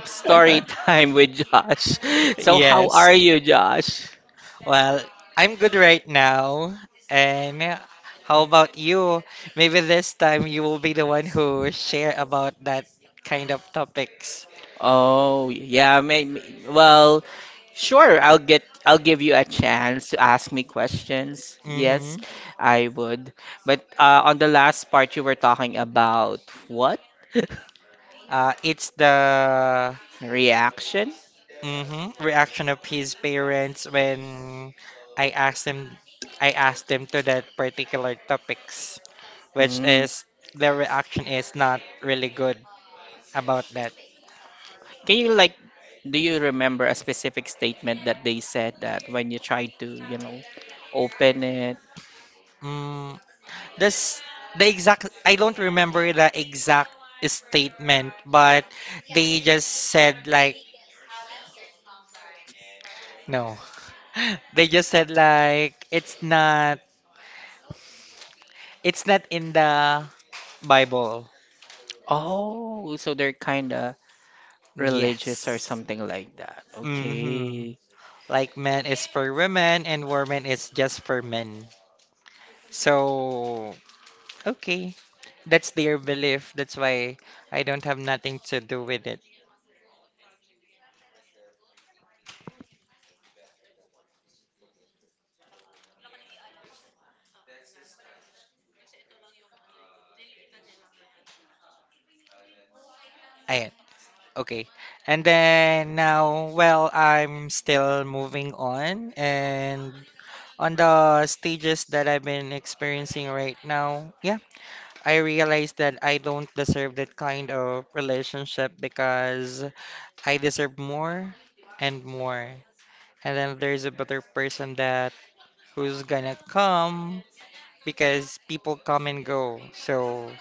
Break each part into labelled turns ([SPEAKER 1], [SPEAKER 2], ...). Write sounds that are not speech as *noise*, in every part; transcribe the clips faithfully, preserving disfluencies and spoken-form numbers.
[SPEAKER 1] *laughs* Yes. Well, I'm good right now. And how about you? Maybe this time you will be the one who share about that kind of topics. Mm-hmm. Uh, it's the, mm-hmm, reaction of his parents when I asked him I asked them to that particular topics, which is their reaction is not really good about that. Mm. This the exact I don't remember the exact statement, but they just said like no. *laughs* They just said like it's not it's not in the Bible. Yes. Mm-hmm. Like man is for women and woman is just for men. So okay. That's their belief. That's why I don't have nothing to do with it. I Okay. And then now, well, I'm still moving on. And on the stages that I've been experiencing right now, yeah, I realized that I don't deserve that kind of relationship because I deserve more and more. And then there's a better person that who's gonna come because people come and go. So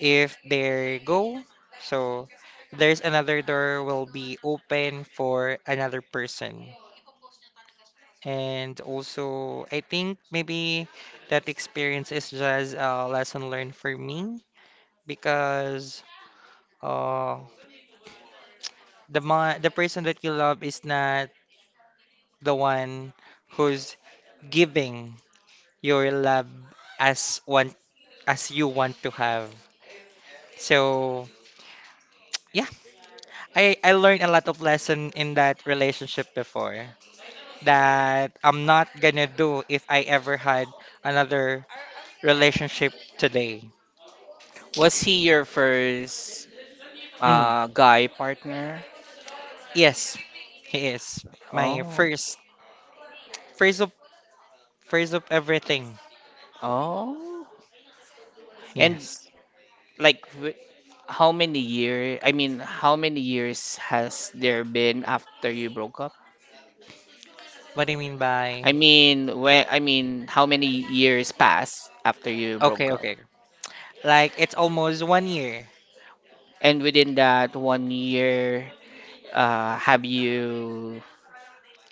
[SPEAKER 1] if they go, so there's another door will be open for another person. And also, I think maybe that experience is just a lesson learned for me because uh, the ma the person that you love is not the one who's giving your love as one as you want to have. So yeah, I I learned a lot of lesson in that relationship before that I'm not gonna do if I ever had another relationship today.
[SPEAKER 2] Was he your first
[SPEAKER 1] Mm,
[SPEAKER 2] uh, guy partner?
[SPEAKER 1] yes, he is my
[SPEAKER 2] Oh,
[SPEAKER 1] first, first of first of everything.
[SPEAKER 2] oh. And
[SPEAKER 1] Yes.
[SPEAKER 2] like, wh- how many year? I mean, how many years has there been after you broke up?
[SPEAKER 1] What do you mean by?
[SPEAKER 2] I mean, when I mean, how many years passed after you broke
[SPEAKER 1] Okay,
[SPEAKER 2] up?
[SPEAKER 1] okay? Like it's almost one year.
[SPEAKER 2] And within that one year, uh, have you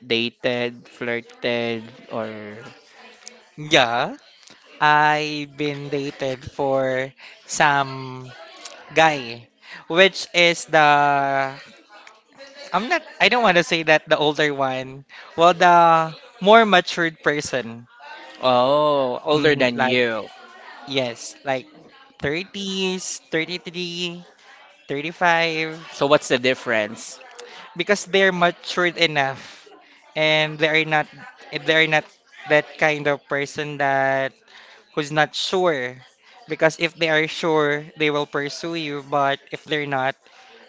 [SPEAKER 2] dated, flirted, or
[SPEAKER 1] Yeah, I've been dated for some guy, which is the I'm not. I don't want to say that the older one. Well, the more matured person.
[SPEAKER 2] oh, older
[SPEAKER 1] Hmm.
[SPEAKER 2] than
[SPEAKER 1] Like,
[SPEAKER 2] you?
[SPEAKER 1] yes, like thirties, thirty-three, thirty-five,
[SPEAKER 2] So what's the difference?
[SPEAKER 1] because they're matured enough and they are not they are not that kind of person that who's not sure. Because if they are sure, they will pursue you, but if they're not,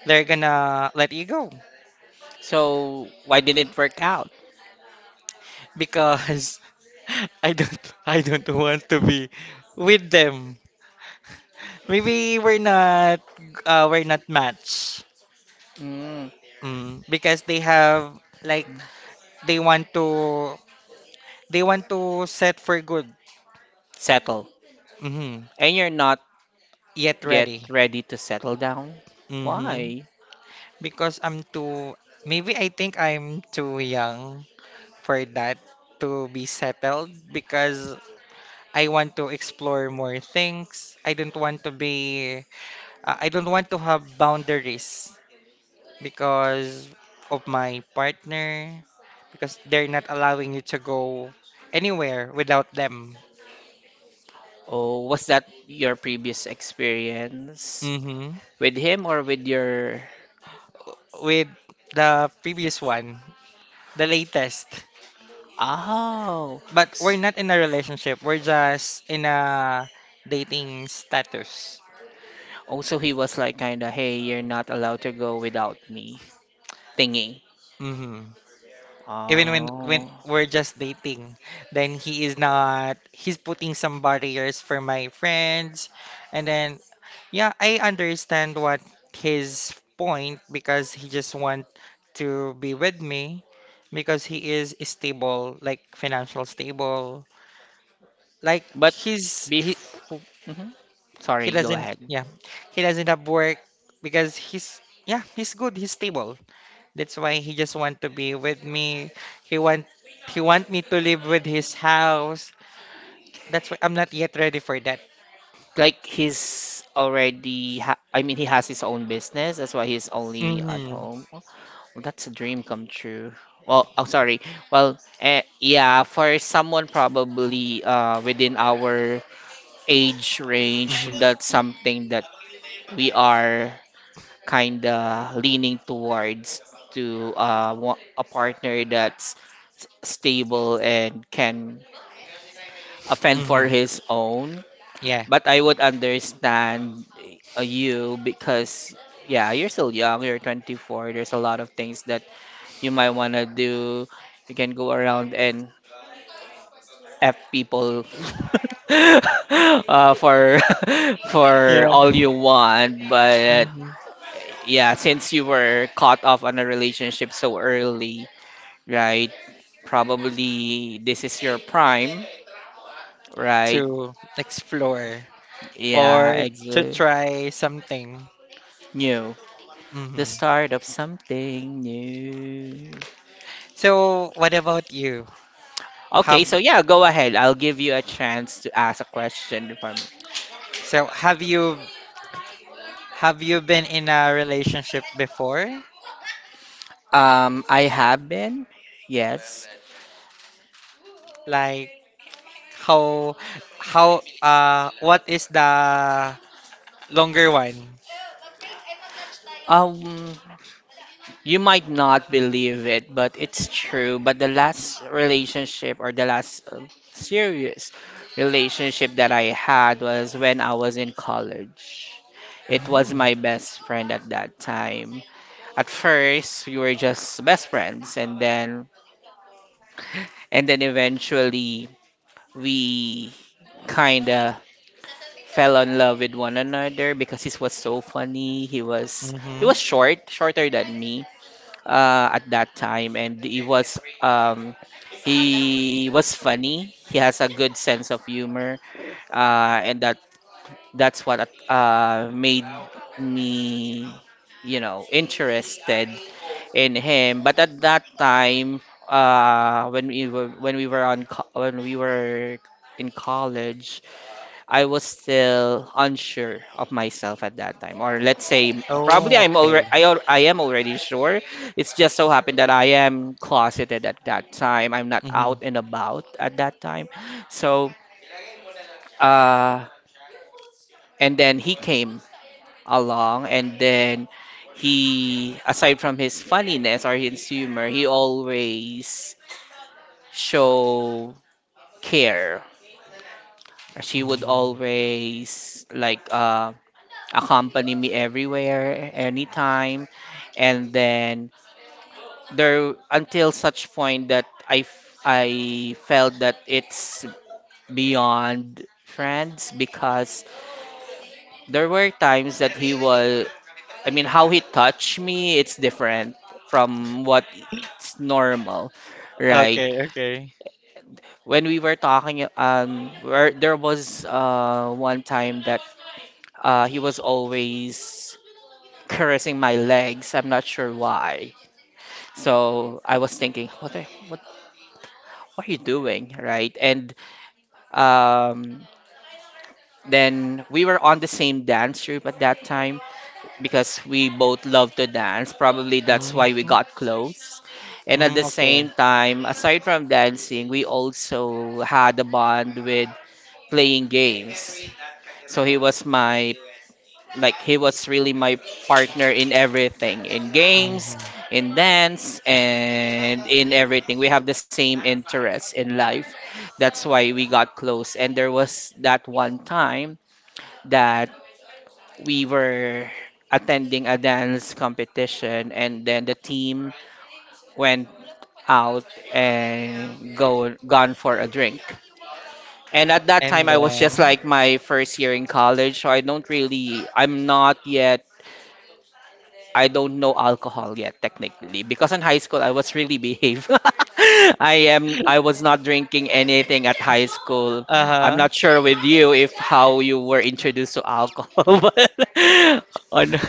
[SPEAKER 1] they're gonna let you go.
[SPEAKER 2] So why didn't it work out?
[SPEAKER 1] Because *laughs* I don't I don't want to be with them. Maybe we're not uh, we're not match.
[SPEAKER 2] Mm,
[SPEAKER 1] Mm, because they have like they want to they want to set for good.
[SPEAKER 2] settle.
[SPEAKER 1] Hmm.
[SPEAKER 2] And you're not
[SPEAKER 1] Yet
[SPEAKER 2] yet
[SPEAKER 1] ready.
[SPEAKER 2] ready to settle down?
[SPEAKER 1] Hmm.
[SPEAKER 2] Why?
[SPEAKER 1] Because I'm too, maybe I think I'm too young for that to be settled because I want to explore more things. I don't want to be, uh, I don't want to have boundaries because of my partner because they're not allowing you to go anywhere without them.
[SPEAKER 2] Oh, was that your previous experience
[SPEAKER 1] Hmm.
[SPEAKER 2] with him or with your.
[SPEAKER 1] With the previous one, the latest.
[SPEAKER 2] Oh.
[SPEAKER 1] But we're
[SPEAKER 2] s-
[SPEAKER 1] not in a relationship. We're just in a dating status.
[SPEAKER 2] Oh, so he was like kinda, hey, you're not allowed to go without me thingy.
[SPEAKER 1] Hmm. Even when when
[SPEAKER 2] Oh.
[SPEAKER 1] we're just dating, then he is not. He's putting some barriers for my friends, and then yeah, I understand what his point because he just want to be with me because he is stable, like financial stable. Like
[SPEAKER 2] But
[SPEAKER 1] he's he,
[SPEAKER 2] before.
[SPEAKER 1] He
[SPEAKER 2] Sorry, go
[SPEAKER 1] doesn't,
[SPEAKER 2] ahead.
[SPEAKER 1] yeah, he doesn't have work because he's, yeah, he's good, he's stable. That's why he just want to be with me. He want, he want me to live with his house. That's why I'm not yet ready for that.
[SPEAKER 2] Like he's already ha I mean he has his own business. That's why he's only at
[SPEAKER 1] Mm-hmm.
[SPEAKER 2] home. Well, that's a dream come true. Well, oh sorry. Well, eh, yeah, for someone probably uh within our age range,
[SPEAKER 1] Mm-hmm.
[SPEAKER 2] that's something that we are kind of leaning towards to uh wa- a partner that's s- stable and can fend for
[SPEAKER 1] Mm-hmm.
[SPEAKER 2] his own
[SPEAKER 1] Yeah.
[SPEAKER 2] but I would understand uh, you because, yeah, you're still young, you're twenty-four. There's a lot of things that you might want to do. You can go around and F people *laughs* uh, for *laughs*
[SPEAKER 1] Yeah.
[SPEAKER 2] for all you want. But
[SPEAKER 1] Mm-hmm.
[SPEAKER 2] yeah, since you were caught off on a relationship so early, right? Probably this is your prime, right?
[SPEAKER 1] To explore
[SPEAKER 2] Yeah,
[SPEAKER 1] or
[SPEAKER 2] it's
[SPEAKER 1] to
[SPEAKER 2] uh,
[SPEAKER 1] try something.
[SPEAKER 2] new. The
[SPEAKER 1] Mm-hmm.
[SPEAKER 2] start of something new.
[SPEAKER 1] So, what about you? Have
[SPEAKER 2] Okay, so yeah, go ahead. I'll give you a chance to ask a question from me.
[SPEAKER 1] so have you have you been in a relationship before?
[SPEAKER 2] Um, I have been. Yes.
[SPEAKER 1] Like, How how uh what is the longer one?
[SPEAKER 2] Um, you might not believe it, but it's true. But the last relationship or the last uh, serious relationship that I had was when I was in college. It was my
[SPEAKER 1] Mm-hmm.
[SPEAKER 2] best friend at that time. At first, we were just best friends, and then and then eventually we kind of fell in love with one another because he was so funny. He was he was
[SPEAKER 1] Mm-hmm.
[SPEAKER 2] short, shorter than me uh, at that time, and he was um, he was funny. He has a good sense of humor, uh, and that that's what uh, made me you know interested in him. But at that time, uh, when we were when we were on co- when we were in college, I was still unsure of myself at that time. Or let's say, probably
[SPEAKER 1] Oh,
[SPEAKER 2] I'm already
[SPEAKER 1] okay.
[SPEAKER 2] I, al- I am already sure. It's just so happened that I am closeted at that time. I'm not
[SPEAKER 1] Mm-hmm.
[SPEAKER 2] out and about at that time. So, uh, and then he came along, and then he aside from his funniness or his humor he always show care. She would
[SPEAKER 1] Mm-hmm.
[SPEAKER 2] always like uh, accompany me everywhere, anytime, and then there until such point that I f- I felt that it's beyond friends because there were times that he was I mean how he touched me it's different from what's normal, right?
[SPEAKER 1] Okay, okay.
[SPEAKER 2] When we were talking, um, where there was uh one time that uh he was always caressing my legs. I'm not sure why. So I was thinking, what are, what what are you doing, right? And um. Then we were on the same dance troupe at that time because we both love to dance. Probably that's why we
[SPEAKER 1] Mm-hmm.
[SPEAKER 2] got close. And at the
[SPEAKER 1] Mm, okay.
[SPEAKER 2] same time, aside from dancing, we also had a bond with playing games. So he was my like he was really my partner in everything, in games,
[SPEAKER 1] Mm-hmm.
[SPEAKER 2] in dance and in everything. We have the same interests in life. That's why we got close. And there was that one time that we were attending a dance competition and then the team went out and go gone for a drink. And at that
[SPEAKER 1] And
[SPEAKER 2] time, I was just
[SPEAKER 1] then
[SPEAKER 2] like my first year in college, so I don't really, I'm not yet, I don't know alcohol yet, technically. Because in high school, I was really behave. *laughs* I am, I was not drinking anything at high school. I'm
[SPEAKER 1] uh-huh.
[SPEAKER 2] not sure with you if how you were introduced to alcohol, *laughs* but on, *laughs*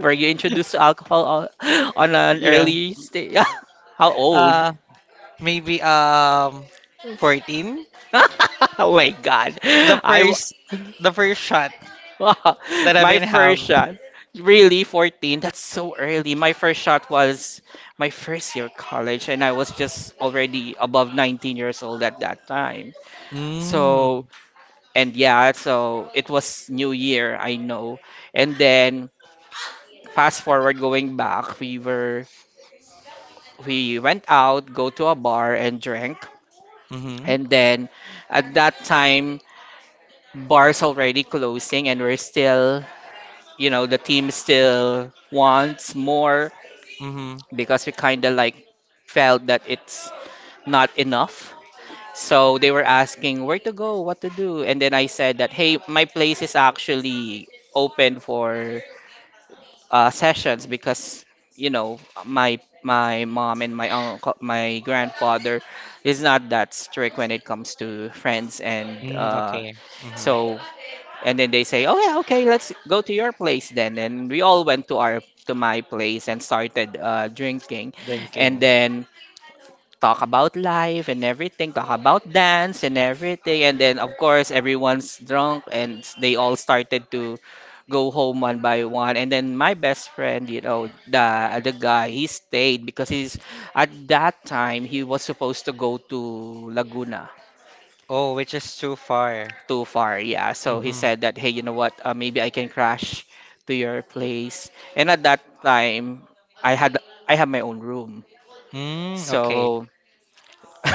[SPEAKER 2] were you introduced to alcohol on, on an
[SPEAKER 1] Yeah.
[SPEAKER 2] early stage? *laughs* How old?
[SPEAKER 1] Uh Maybe um fourteen.
[SPEAKER 2] *laughs* Oh my God.
[SPEAKER 1] The
[SPEAKER 2] I,
[SPEAKER 1] first the first shot
[SPEAKER 2] *laughs* Wow,
[SPEAKER 1] that I've
[SPEAKER 2] my
[SPEAKER 1] been have.
[SPEAKER 2] first shot. Really, fourteen? That's so early. My first shot was my first year of college, and I was just already above nineteen years old at that time. So,
[SPEAKER 1] Mm.
[SPEAKER 2] and yeah, so it was New Year, I know. And then, fast forward going back, we were, we went out, go to a bar and drank.
[SPEAKER 1] Mm-hmm.
[SPEAKER 2] And then, at that time, bars already closing, and we're still you know the team still wants more
[SPEAKER 1] Hmm.
[SPEAKER 2] because we kind of like felt that it's not enough, so they were asking where to go what to do, and then I said that, hey, my place is actually open for uh, sessions because you know my my mom and my uncle my grandfather is not that strict when it comes to friends and
[SPEAKER 1] Mm,
[SPEAKER 2] uh,
[SPEAKER 1] okay. Mm-hmm.
[SPEAKER 2] so and then they say, "Oh yeah, okay, let's go to your place then." And we all went to our to my place and started uh, drinking, and
[SPEAKER 1] Drinking.
[SPEAKER 2] then talk about life and everything, talk about dance and everything, and then of course everyone's drunk and they all started to go home one by one. And then my best friend, you know, the the guy, he stayed because he's at that time he was supposed to go to Laguna
[SPEAKER 1] Oh, which is too far.
[SPEAKER 2] too far. Yeah. So he
[SPEAKER 1] Mm-hmm.
[SPEAKER 2] said that, hey, you know what? Uh, maybe I can crash to your place. And at that time, I had I have my own room.
[SPEAKER 1] Mm, okay.
[SPEAKER 2] So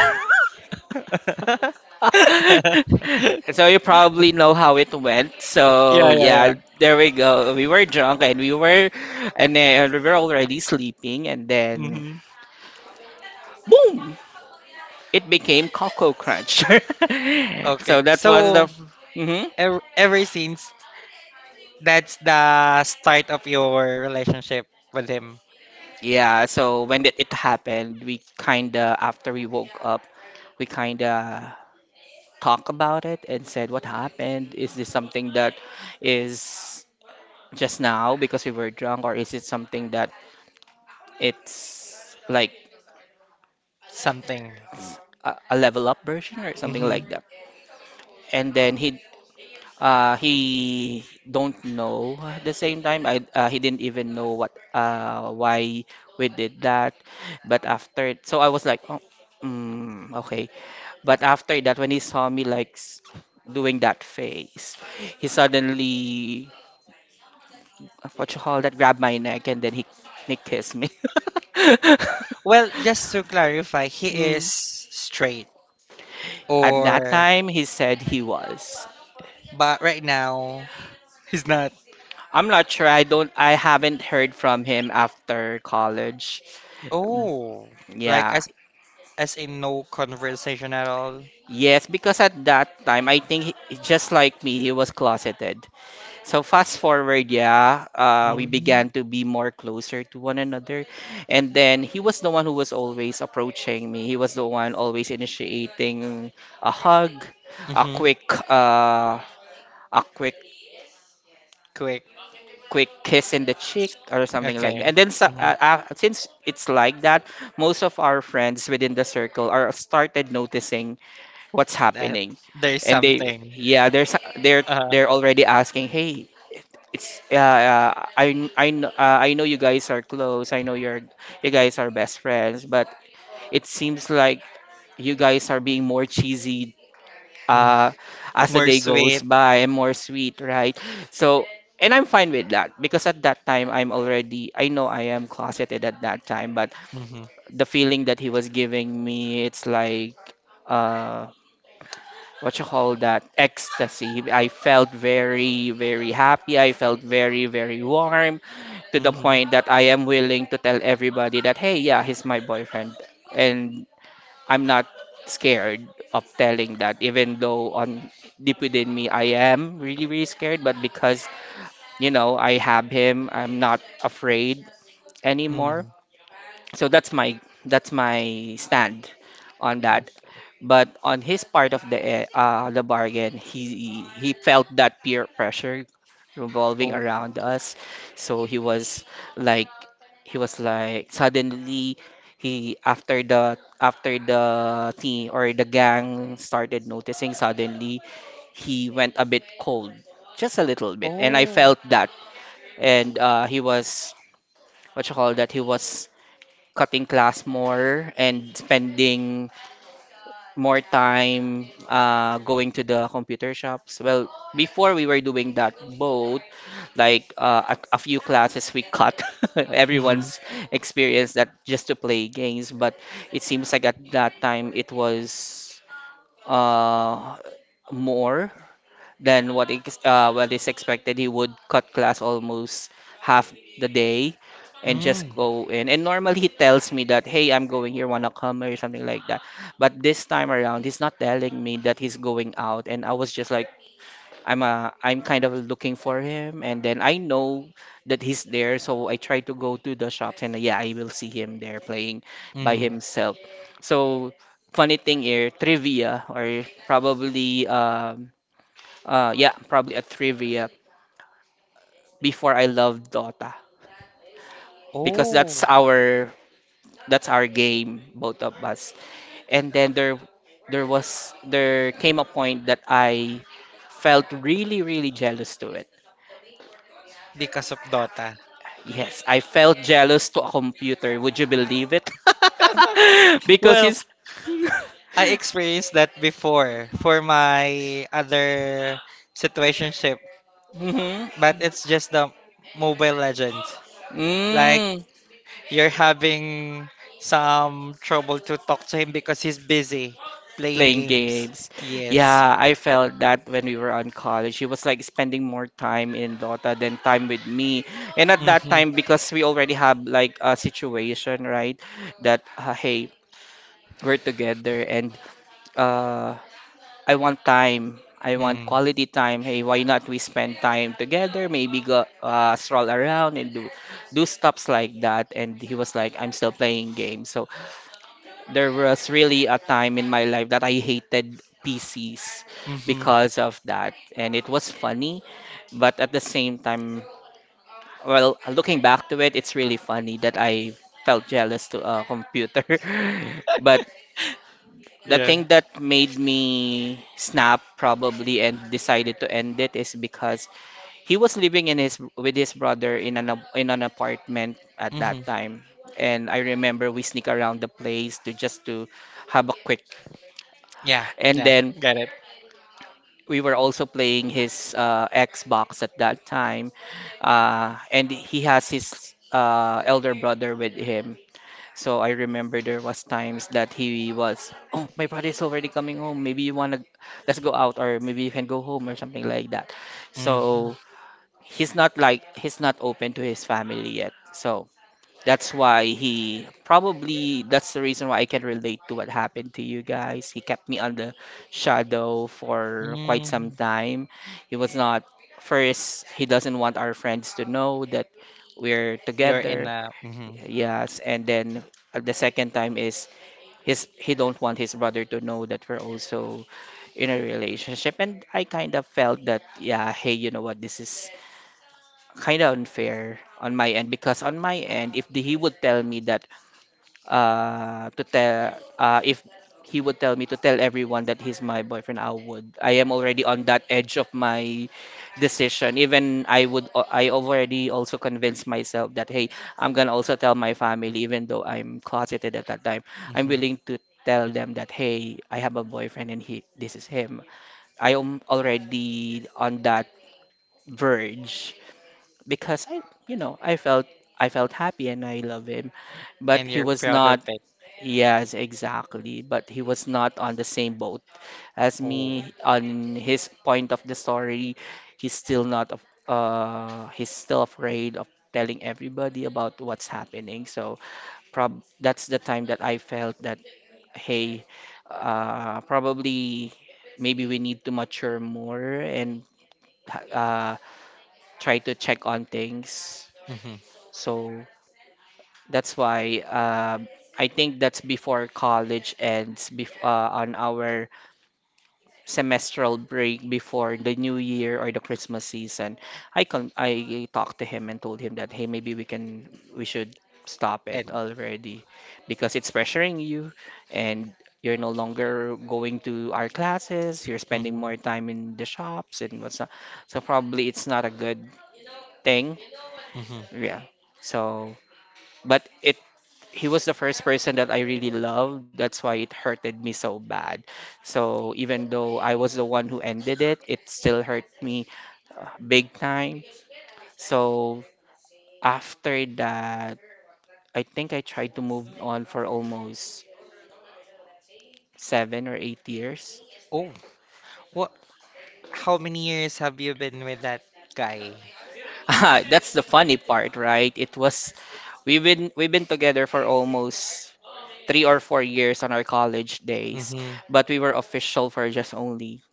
[SPEAKER 2] *laughs*
[SPEAKER 1] *laughs*
[SPEAKER 2] so you probably know how it went.
[SPEAKER 1] Yeah,
[SPEAKER 2] So
[SPEAKER 1] yeah,
[SPEAKER 2] yeah,
[SPEAKER 1] yeah.
[SPEAKER 2] there we go. We were drunk and we were and then we were already sleeping and then
[SPEAKER 1] Mm-hmm.
[SPEAKER 2] boom, it became Cocoa Crunch. *laughs* So
[SPEAKER 1] Okay.
[SPEAKER 2] that was the.
[SPEAKER 1] So,
[SPEAKER 2] Mhm.
[SPEAKER 1] ever, ever since that's the start of your relationship with him,
[SPEAKER 2] Yeah, so when it, it happened, we kinda after we woke up, we kinda talk about it and said what happened? Is this something that is just now because we were drunk, or is it something that it's like
[SPEAKER 1] something.
[SPEAKER 2] a, a level up version or something
[SPEAKER 1] Mm-hmm.
[SPEAKER 2] like that? And then he Uh, he don't know. At the same time, I uh, he didn't even know what uh why we did that. But after, so I was like, oh, mm, okay. But after that, when he saw me like s- doing that face, he suddenly what you call that? Grabbed my neck and then he he kissed me. *laughs*
[SPEAKER 1] Well, just to clarify, he
[SPEAKER 2] Mm.
[SPEAKER 1] is straight,
[SPEAKER 2] At that
[SPEAKER 1] or
[SPEAKER 2] time, he said he was.
[SPEAKER 1] but right now he's not.
[SPEAKER 2] I'm not sure. I don't. I haven't heard from him after college.
[SPEAKER 1] Oh, like
[SPEAKER 2] Yeah.
[SPEAKER 1] as as in no conversation at all.
[SPEAKER 2] Yes, because at that time, I think he, he- just like me, he was closeted. So fast forward, yeah, uh, we
[SPEAKER 1] Mm-hmm.
[SPEAKER 2] began to be more closer to one another. And then he was the one who was always approaching me. He was the one always initiating a hug, a
[SPEAKER 1] Mm-hmm.
[SPEAKER 2] quick, uh, a quick, quick kiss in the cheek or something like that.
[SPEAKER 1] Okay.
[SPEAKER 2] And then sa-
[SPEAKER 1] Hmm.
[SPEAKER 2] uh, uh, since it's like that, most of our friends within the circle are started noticing what's
[SPEAKER 1] That
[SPEAKER 2] happening
[SPEAKER 1] there's
[SPEAKER 2] and they
[SPEAKER 1] something.
[SPEAKER 2] yeah there's they're
[SPEAKER 1] uh
[SPEAKER 2] they're already asking hey it's uh, uh I kn- I kn- uh, I know you guys are close, I know you're you guys are best friends, but it seems like you guys are being more cheesy
[SPEAKER 1] mm,
[SPEAKER 2] uh as the
[SPEAKER 1] More
[SPEAKER 2] day goes
[SPEAKER 1] sweet.
[SPEAKER 2] by and more sweet, right? So and I'm fine with that because at that time i'm already I know I am closeted at that time, but
[SPEAKER 1] Mm-hmm.
[SPEAKER 2] the feeling that he was giving me it's like uh, what you call that ecstasy. I felt very, very happy. I felt very, very warm to the
[SPEAKER 1] Mm-hmm.
[SPEAKER 2] point that I am willing to tell everybody that, hey, yeah, he's my boyfriend. And I'm not scared of telling that, even though on deep within me, I am really, really scared. But because, you know, I have him, I'm not afraid anymore.
[SPEAKER 1] Mm-hmm.
[SPEAKER 2] So that's my that's my stand on that.
[SPEAKER 1] Okay.
[SPEAKER 2] But on his part of the eh, uh, the bargain, he he felt that peer pressure revolving
[SPEAKER 1] Oh.
[SPEAKER 2] around us. So he was like he was like suddenly he after the after the team or the gang started noticing suddenly he went a bit cold just a little bit and I
[SPEAKER 1] Oh.
[SPEAKER 2] felt that and uh, he was what you call that he was cutting class more and spending more time uh, going to the computer shops. Well, before we were doing that both, like uh, a, a few classes we cut. *laughs*
[SPEAKER 1] Mm-hmm.
[SPEAKER 2] Everyone's experienced that just to play games, but it seems like at that time it was uh, more than what ex- uh, what is expected. He would cut class almost half the day and just
[SPEAKER 1] Mm.
[SPEAKER 2] go in. And normally he tells me that, hey, I'm going here, wanna come or something like that. But this time around, he's not telling me that he's going out, and I was just like, I'm uh i I'm kind of looking for him, and then I know that he's there, so I try to go to the shops, and yeah, I will see him there playing by
[SPEAKER 1] Mm-hmm.
[SPEAKER 2] himself. So funny thing here, trivia or probably um uh, yeah, probably a trivia, before I loved Dota because that's
[SPEAKER 1] Oh.
[SPEAKER 2] our that's our game, both of us. And then there there was there came a point that I felt really really jealous to it.
[SPEAKER 1] Because of Dota.
[SPEAKER 2] Yes, I felt jealous to a computer. Would you believe it? *laughs*
[SPEAKER 1] *laughs*
[SPEAKER 2] because
[SPEAKER 1] Well,
[SPEAKER 2] his. *laughs*
[SPEAKER 1] I experienced that before for my other situationship,
[SPEAKER 2] Mhm.
[SPEAKER 1] but it's just the Mobile Legends. Like,
[SPEAKER 2] Mm.
[SPEAKER 1] you're having some trouble to talk to him because he's busy playing
[SPEAKER 2] Playing
[SPEAKER 1] games.
[SPEAKER 2] games. Yeah,
[SPEAKER 1] Yes.
[SPEAKER 2] I felt that when we were on college. He was like spending more time in Dota than time with me. And at that
[SPEAKER 1] Mm-hmm.
[SPEAKER 2] time, because we already have like a situation, right? That, uh, hey, we're together and uh, I want time. I want
[SPEAKER 1] Mm.
[SPEAKER 2] quality time. Hey, why not we spend time together? Maybe go uh, stroll around and do do stops like that. And he was like, I'm still playing games. So there was really a time in my life that I hated P Cs
[SPEAKER 1] Mm-hmm.
[SPEAKER 2] because of that. And it was funny, but at the same time, well, looking back to it, it's really funny that I felt jealous to a computer. *laughs* But
[SPEAKER 1] *laughs*
[SPEAKER 2] the
[SPEAKER 1] Yeah.
[SPEAKER 2] thing that made me snap probably and decided to end it is because he was living in his with his brother in an ap- in an apartment at
[SPEAKER 1] Mm-hmm.
[SPEAKER 2] that time. And I remember we sneak around the place to just to have a quick.
[SPEAKER 1] Yeah.
[SPEAKER 2] And
[SPEAKER 1] Yeah.
[SPEAKER 2] then
[SPEAKER 1] Got it.
[SPEAKER 2] we were also playing his uh, Xbox at that time. Uh, and he has his uh, elder brother with him. So I remember there was times that he was, oh, my brother is already coming home. Maybe you wanna, let's go out, or maybe you can go home or something like that.
[SPEAKER 1] Mm-hmm.
[SPEAKER 2] So he's not like he's not open to his family yet. So that's why he probably that's the reason why I can relate to what happened to you guys. He kept me on the shadow for quite some
[SPEAKER 1] Mm-hmm.
[SPEAKER 2] time. He was not, first, he doesn't want our friends to know that we're
[SPEAKER 1] You're in
[SPEAKER 2] together.
[SPEAKER 1] a. Mm-hmm.
[SPEAKER 2] Yes, and then uh, the second time is his he don't want his brother to know that we're also in a relationship, and I kind of felt that, yeah, hey, you know what? This is kind of unfair on my end, because on my end, if the, he would tell me that uh to tell uh if he would tell me to tell everyone that he's my boyfriend, I would I am already on that edge of my decision. Even I would I already also convinced myself that, hey, I'm gonna also tell my family, even though I'm closeted at that time. I'm
[SPEAKER 1] Mm-hmm.
[SPEAKER 2] willing to tell them that, hey, I have a boyfriend and he this is him. I am already on that verge, because I, you know, I felt, I felt happy and I love him, but
[SPEAKER 1] And
[SPEAKER 2] he
[SPEAKER 1] you're
[SPEAKER 2] was
[SPEAKER 1] proud of
[SPEAKER 2] not.
[SPEAKER 1] it.
[SPEAKER 2] Yes, exactly. But he was not on the same boat as
[SPEAKER 1] Oh.
[SPEAKER 2] me. On his point of the story, he's still not, af- uh, he's still afraid of telling everybody about what's happening. So prob that's the time that I felt that, hey, uh, probably maybe we need to mature more and uh, try to check on things.
[SPEAKER 1] Mm-hmm.
[SPEAKER 2] So that's why, uh, I think that's before college ends, bef- uh, on our semestral break before the new year or the Christmas season. I con I talked to him and told him that, hey, maybe we can, we should stop it
[SPEAKER 1] And
[SPEAKER 2] already, because it's pressuring you, and you're no longer going to our classes. You're spending
[SPEAKER 1] mm-hmm.
[SPEAKER 2] more time in the shops and what's not. So probably it's not a good thing.
[SPEAKER 1] Mm-hmm.
[SPEAKER 2] Yeah. So, but it he was the first person that I really loved. That's why it hurted me so bad. So even though I was the one who ended it, it still hurt me, uh, big time. So after that, I think I tried to move on for almost seven or eight years. *laughs*
[SPEAKER 1] Oh. What, how many years have you been with that guy?
[SPEAKER 2] Ah, that's the funny part, right? It was, we've been we've been together for almost three or four years on our college days,
[SPEAKER 1] Mm-hmm.
[SPEAKER 2] but we were official for just only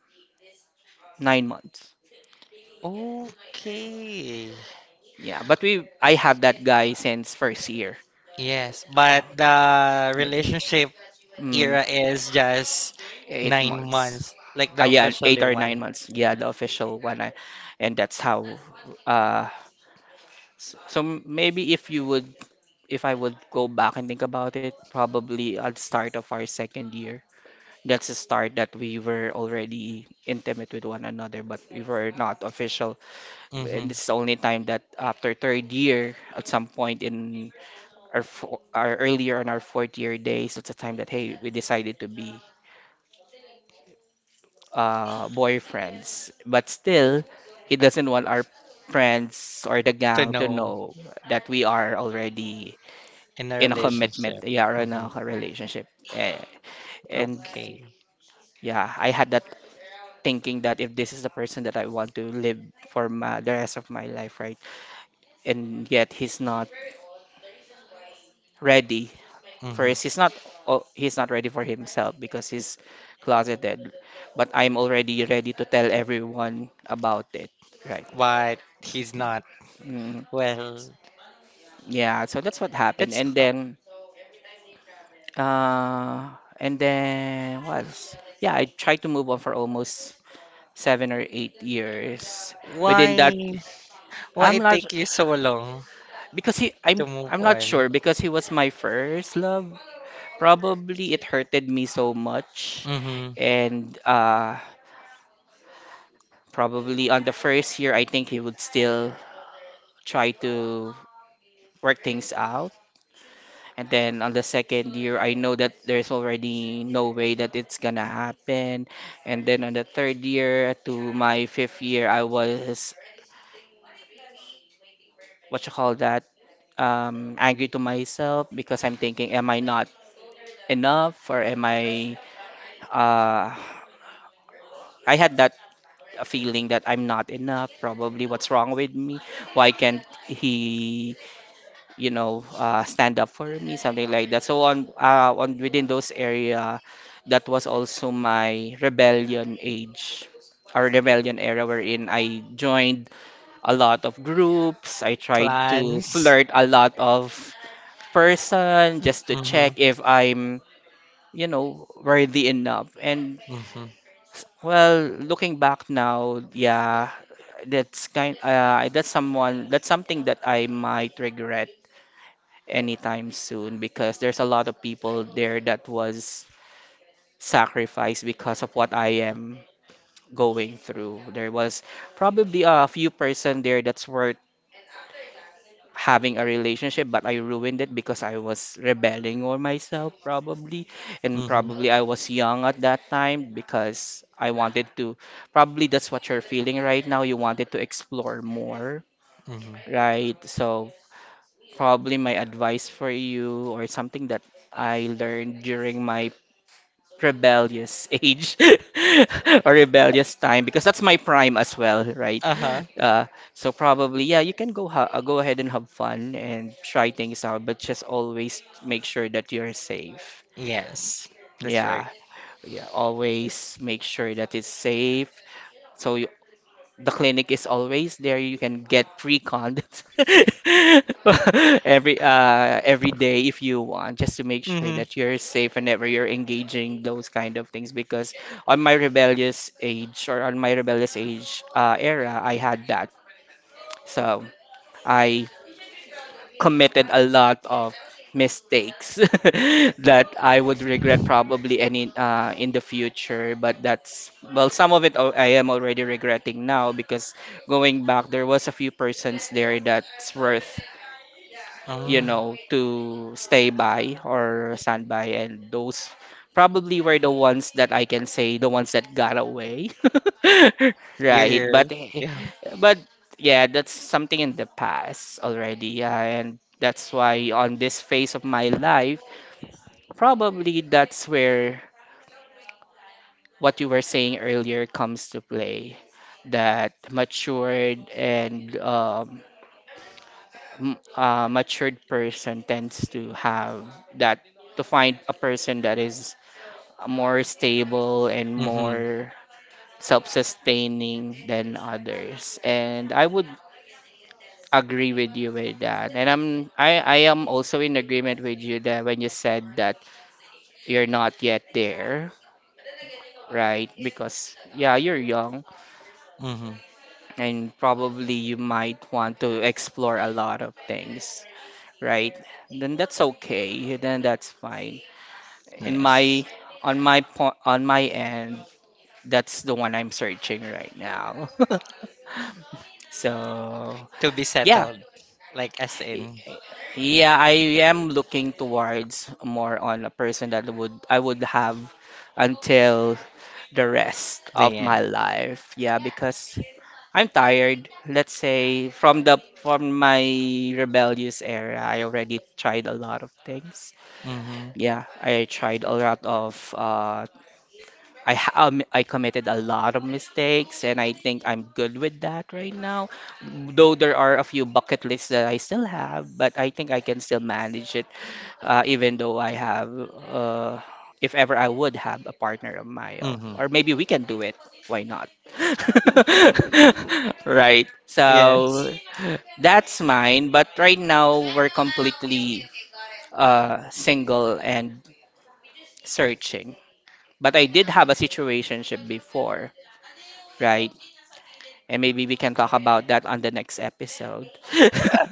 [SPEAKER 2] nine months.
[SPEAKER 1] Okay.
[SPEAKER 2] Yeah, but we I have that guy since first year.
[SPEAKER 1] Yes, but the relationship
[SPEAKER 2] Mm,
[SPEAKER 1] era is just
[SPEAKER 2] eight
[SPEAKER 1] nine
[SPEAKER 2] months.
[SPEAKER 1] months, like
[SPEAKER 2] Ah,
[SPEAKER 1] the
[SPEAKER 2] yeah, eight
[SPEAKER 1] officially
[SPEAKER 2] or nine
[SPEAKER 1] one.
[SPEAKER 2] months. Yeah, the official one. I, and that's how. Uh, s- so maybe if you would, if I would go back and think about it, probably at the start of our second year. That's the start that we were already intimate with one another, but we were not official.
[SPEAKER 1] Mm-hmm.
[SPEAKER 2] And this is the only time that after third year, at some point in our, fo- our earlier on our fourth year days, at the time that, hey, we decided to be uh boyfriends, but still he doesn't want our friends or the
[SPEAKER 1] To
[SPEAKER 2] gang to
[SPEAKER 1] know
[SPEAKER 2] know that we are already
[SPEAKER 1] in a
[SPEAKER 2] in a commitment,
[SPEAKER 1] relationship.
[SPEAKER 2] yeah, or in
[SPEAKER 1] Mm-hmm.
[SPEAKER 2] a relationship. Eh, and
[SPEAKER 1] Okay.
[SPEAKER 2] yeah, I had that thinking that, if this is the person that I want to live for my, the rest of my life, right, and yet he's not ready. First,
[SPEAKER 1] Mm-hmm.
[SPEAKER 2] he's not, oh, he's not ready for himself because he's closeted, but I'm already ready to tell everyone about it, right?
[SPEAKER 1] But he's not.
[SPEAKER 2] Mm,
[SPEAKER 1] Well,
[SPEAKER 2] yeah, so that's what happened.
[SPEAKER 1] that's
[SPEAKER 2] And
[SPEAKER 1] hard.
[SPEAKER 2] then uh and then what else? Yeah, I tried to move on for almost seven or eight years. Within that,
[SPEAKER 1] Why? Why
[SPEAKER 2] I'm
[SPEAKER 1] it
[SPEAKER 2] not
[SPEAKER 1] take you so long
[SPEAKER 2] because he I'm
[SPEAKER 1] to move
[SPEAKER 2] I'm not
[SPEAKER 1] on?
[SPEAKER 2] sure because he was my first love. Probably it hurted me so much,
[SPEAKER 1] Mm-hmm.
[SPEAKER 2] and uh, probably on the first year, I think he would still try to work things out. And then on the second year, I know that there's already no way that it's gonna happen. And then on the third year to my fifth year, I was, what you call that, um, angry to myself, because I'm thinking, am I not enough or am I? Uh, I had that feeling that I'm not enough. Probably what's wrong with me? Why can't he, you know, uh, stand up for me, something like that. So on uh, on within those area, that was also my rebellion age or rebellion era, wherein I joined a lot of groups, I tried to
[SPEAKER 1] Plans.
[SPEAKER 2] flirt a lot of person just to
[SPEAKER 1] Mm-hmm.
[SPEAKER 2] check if I'm, you know, worthy enough. And
[SPEAKER 1] Mm-hmm.
[SPEAKER 2] well, looking back now, yeah, that's kind uh, that's someone, that's something that I might regret anytime soon, because there's a lot of people there that was sacrificed because of what I am going through. There was probably a few person there that's worth having a relationship, but I ruined it because I was rebelling on myself probably, and
[SPEAKER 1] Mm-hmm.
[SPEAKER 2] probably I was young at that time because I wanted to. Probably that's what you're feeling right now. You wanted to explore more,
[SPEAKER 1] Mm-hmm.
[SPEAKER 2] right? So probably my advice for you, or something that I learned during my rebellious *laughs* age *laughs* or rebellious time, because that's my prime as well, right?
[SPEAKER 1] Uh-huh.
[SPEAKER 2] Uh, so probably, yeah, you can go ha- uh, go ahead and have fun and try things out, but just always make sure that you're safe.
[SPEAKER 1] Yes, that's right.
[SPEAKER 2] Yeah, yeah, always make sure that it's safe. So you, the clinic is always there. You can get free condoms *laughs* every uh every day if you want, just to make sure
[SPEAKER 1] Mm-hmm.
[SPEAKER 2] that you're safe whenever you're engaging those kind of things. Because on my rebellious age or on my rebellious age, uh, era, I had that. So I committed a lot of mistakes *laughs* that I would regret probably, any uh, in the future. But that's, well, some of it al- I am already regretting now, because going back, there was a few persons there that's worth, you
[SPEAKER 1] Oh.
[SPEAKER 2] know, to stay by or stand by. And those probably were the ones that I can say, the ones that got away. *laughs*
[SPEAKER 1] Your
[SPEAKER 2] Right. But,
[SPEAKER 1] year. Yeah.
[SPEAKER 2] but yeah, that's something in the past already. Yeah. And that's why on this phase of my life, probably that's where what you were saying earlier comes to play. That matured and um, m- uh, matured person tends to have that, to find a person that is more stable and
[SPEAKER 1] Mm-hmm.
[SPEAKER 2] more self-sustaining than others. And I would agree with you with that, and i'm i I am also in agreement with you that when you said that you're not yet there, right, because yeah, you're young,
[SPEAKER 1] Mm-hmm.
[SPEAKER 2] and probably you might want to explore a lot of things, right, then that's okay, then that's fine. In
[SPEAKER 1] Yes.
[SPEAKER 2] my, on my po on my end, that's the one I'm searching right now. *laughs* So,
[SPEAKER 1] To be
[SPEAKER 2] yeah.
[SPEAKER 1] settled. Like as
[SPEAKER 2] Y-
[SPEAKER 1] in
[SPEAKER 2] Yeah, I am looking towards more on a person that would I would have until the rest
[SPEAKER 1] the
[SPEAKER 2] of my
[SPEAKER 1] end.
[SPEAKER 2] life. Yeah, because I'm tired. Let's say from the, from my rebellious era, I already tried a lot of things.
[SPEAKER 1] Mm-hmm.
[SPEAKER 2] Yeah, I tried a lot of uh I ha- um, I committed a lot of mistakes, and I think I'm good with that right now. Though there are a few bucket lists that I still have, but I think I can still manage it, uh, even though I have, uh, if ever I would have a partner of my own,
[SPEAKER 1] Mm-hmm.
[SPEAKER 2] or maybe we can do it. Why not? *laughs* Right. So
[SPEAKER 1] Yes.
[SPEAKER 2] that's mine. But right now we're completely uh, single and searching. But I did have a situationship before, right? And maybe we can talk about that on the next episode. *laughs*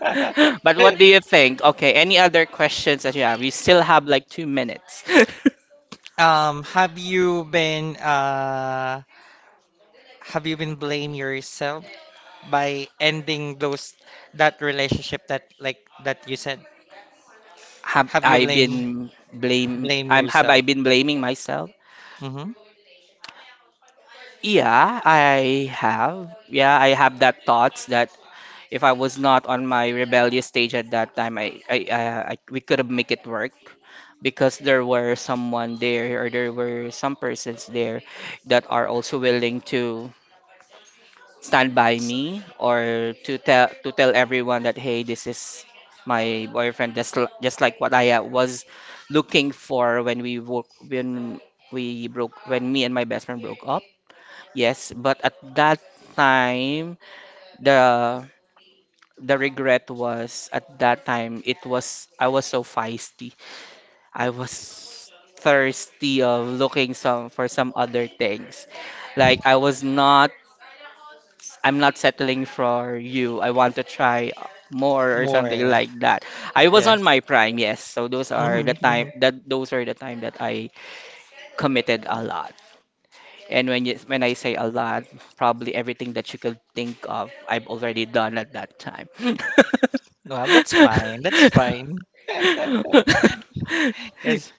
[SPEAKER 2] But what do you think? Okay, any other questions that you have? We still have like two minutes. *laughs*
[SPEAKER 1] Um, have you been uh have you been blame yourself by ending those that relationship that like that you said?
[SPEAKER 2] Have
[SPEAKER 1] Have you
[SPEAKER 2] I
[SPEAKER 1] blame
[SPEAKER 2] been blame
[SPEAKER 1] blame
[SPEAKER 2] I'm have I
[SPEAKER 1] yourself?
[SPEAKER 2] been blaming myself?
[SPEAKER 1] Mm-hmm.
[SPEAKER 2] Yeah, I have. Yeah, I have that thoughts that if I was not on my rebellious stage at that time, I, I, I, I, we could have make it work, because there were someone there, or there were some persons there that are also willing to stand by me, or to tell to tell everyone that, hey, this is my boyfriend, just l- just like what I, uh, was looking for when we wo- when we broke, when me and my best friend broke up. Yes, but at that time, the the regret was, at that time it was, I was so feisty. I was thirsty of looking some for some other things. Like I was not, I'm not settling for you. I want to try more or something
[SPEAKER 1] More.
[SPEAKER 2] like that. I was on
[SPEAKER 1] Yes.
[SPEAKER 2] my prime, yes. So those are the
[SPEAKER 1] Mm-hmm. Mm-hmm.
[SPEAKER 2] time that those are the time that I committed a lot. And when you, when I say a lot, probably everything that you could think of, I've already done at that time. *laughs*
[SPEAKER 1] Well, that's fine. That's fine. *laughs* That's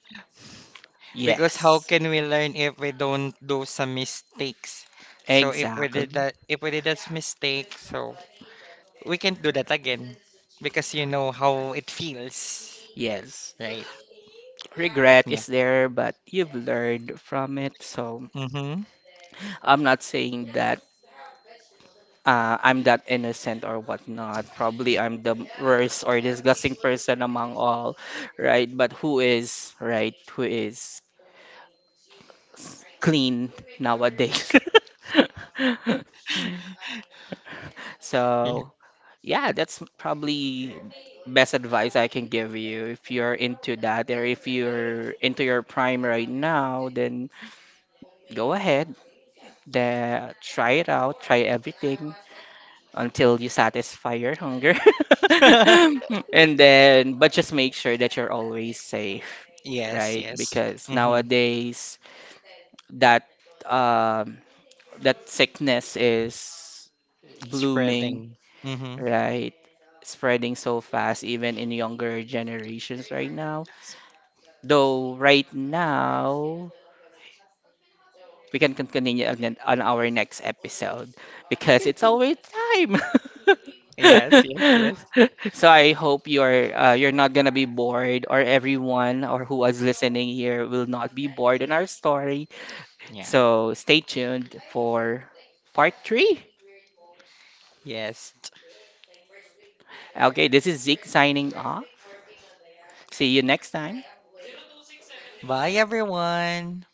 [SPEAKER 1] Because how
[SPEAKER 2] Yes,
[SPEAKER 1] can we learn if we don't do some mistakes? So if we did
[SPEAKER 2] exactly.
[SPEAKER 1] that, if we did that mistake, so we can't do that again because you know how it feels,
[SPEAKER 2] Yes.
[SPEAKER 1] right?
[SPEAKER 2] Regret
[SPEAKER 1] Yeah.
[SPEAKER 2] is there, but you've learned from it. So
[SPEAKER 1] Mm-hmm.
[SPEAKER 2] I'm not saying that, uh, I'm that innocent or whatnot. Probably I'm the worst or disgusting person among all, right? But who is, right? Who is clean nowadays? *laughs*
[SPEAKER 1] Yeah.
[SPEAKER 2] So, yeah, that's probably best advice I can give you. If you're into that, or if you're into your prime right now, then go ahead, then try it out, try everything until you satisfy your hunger. *laughs*
[SPEAKER 1] *laughs*
[SPEAKER 2] And then, but just make sure that you're always safe,
[SPEAKER 1] Yes,
[SPEAKER 2] right?
[SPEAKER 1] yes.
[SPEAKER 2] Because
[SPEAKER 1] Mm-hmm.
[SPEAKER 2] nowadays that, um that sickness is blooming,
[SPEAKER 1] Spreading. Mm-hmm.
[SPEAKER 2] right? Spreading so fast, even in younger generations right now. Though, right now, we can continue on, the- on our next episode because it's always time.
[SPEAKER 1] Yes, yes, yes.
[SPEAKER 2] *laughs* So I hope you're, uh, you're not gonna be bored, or everyone or who is listening here will not be bored in our story.
[SPEAKER 1] Yeah.
[SPEAKER 2] So stay tuned for part three.
[SPEAKER 1] Yes.
[SPEAKER 2] Okay, this is Zeke signing off. See you next time.
[SPEAKER 1] Bye, everyone.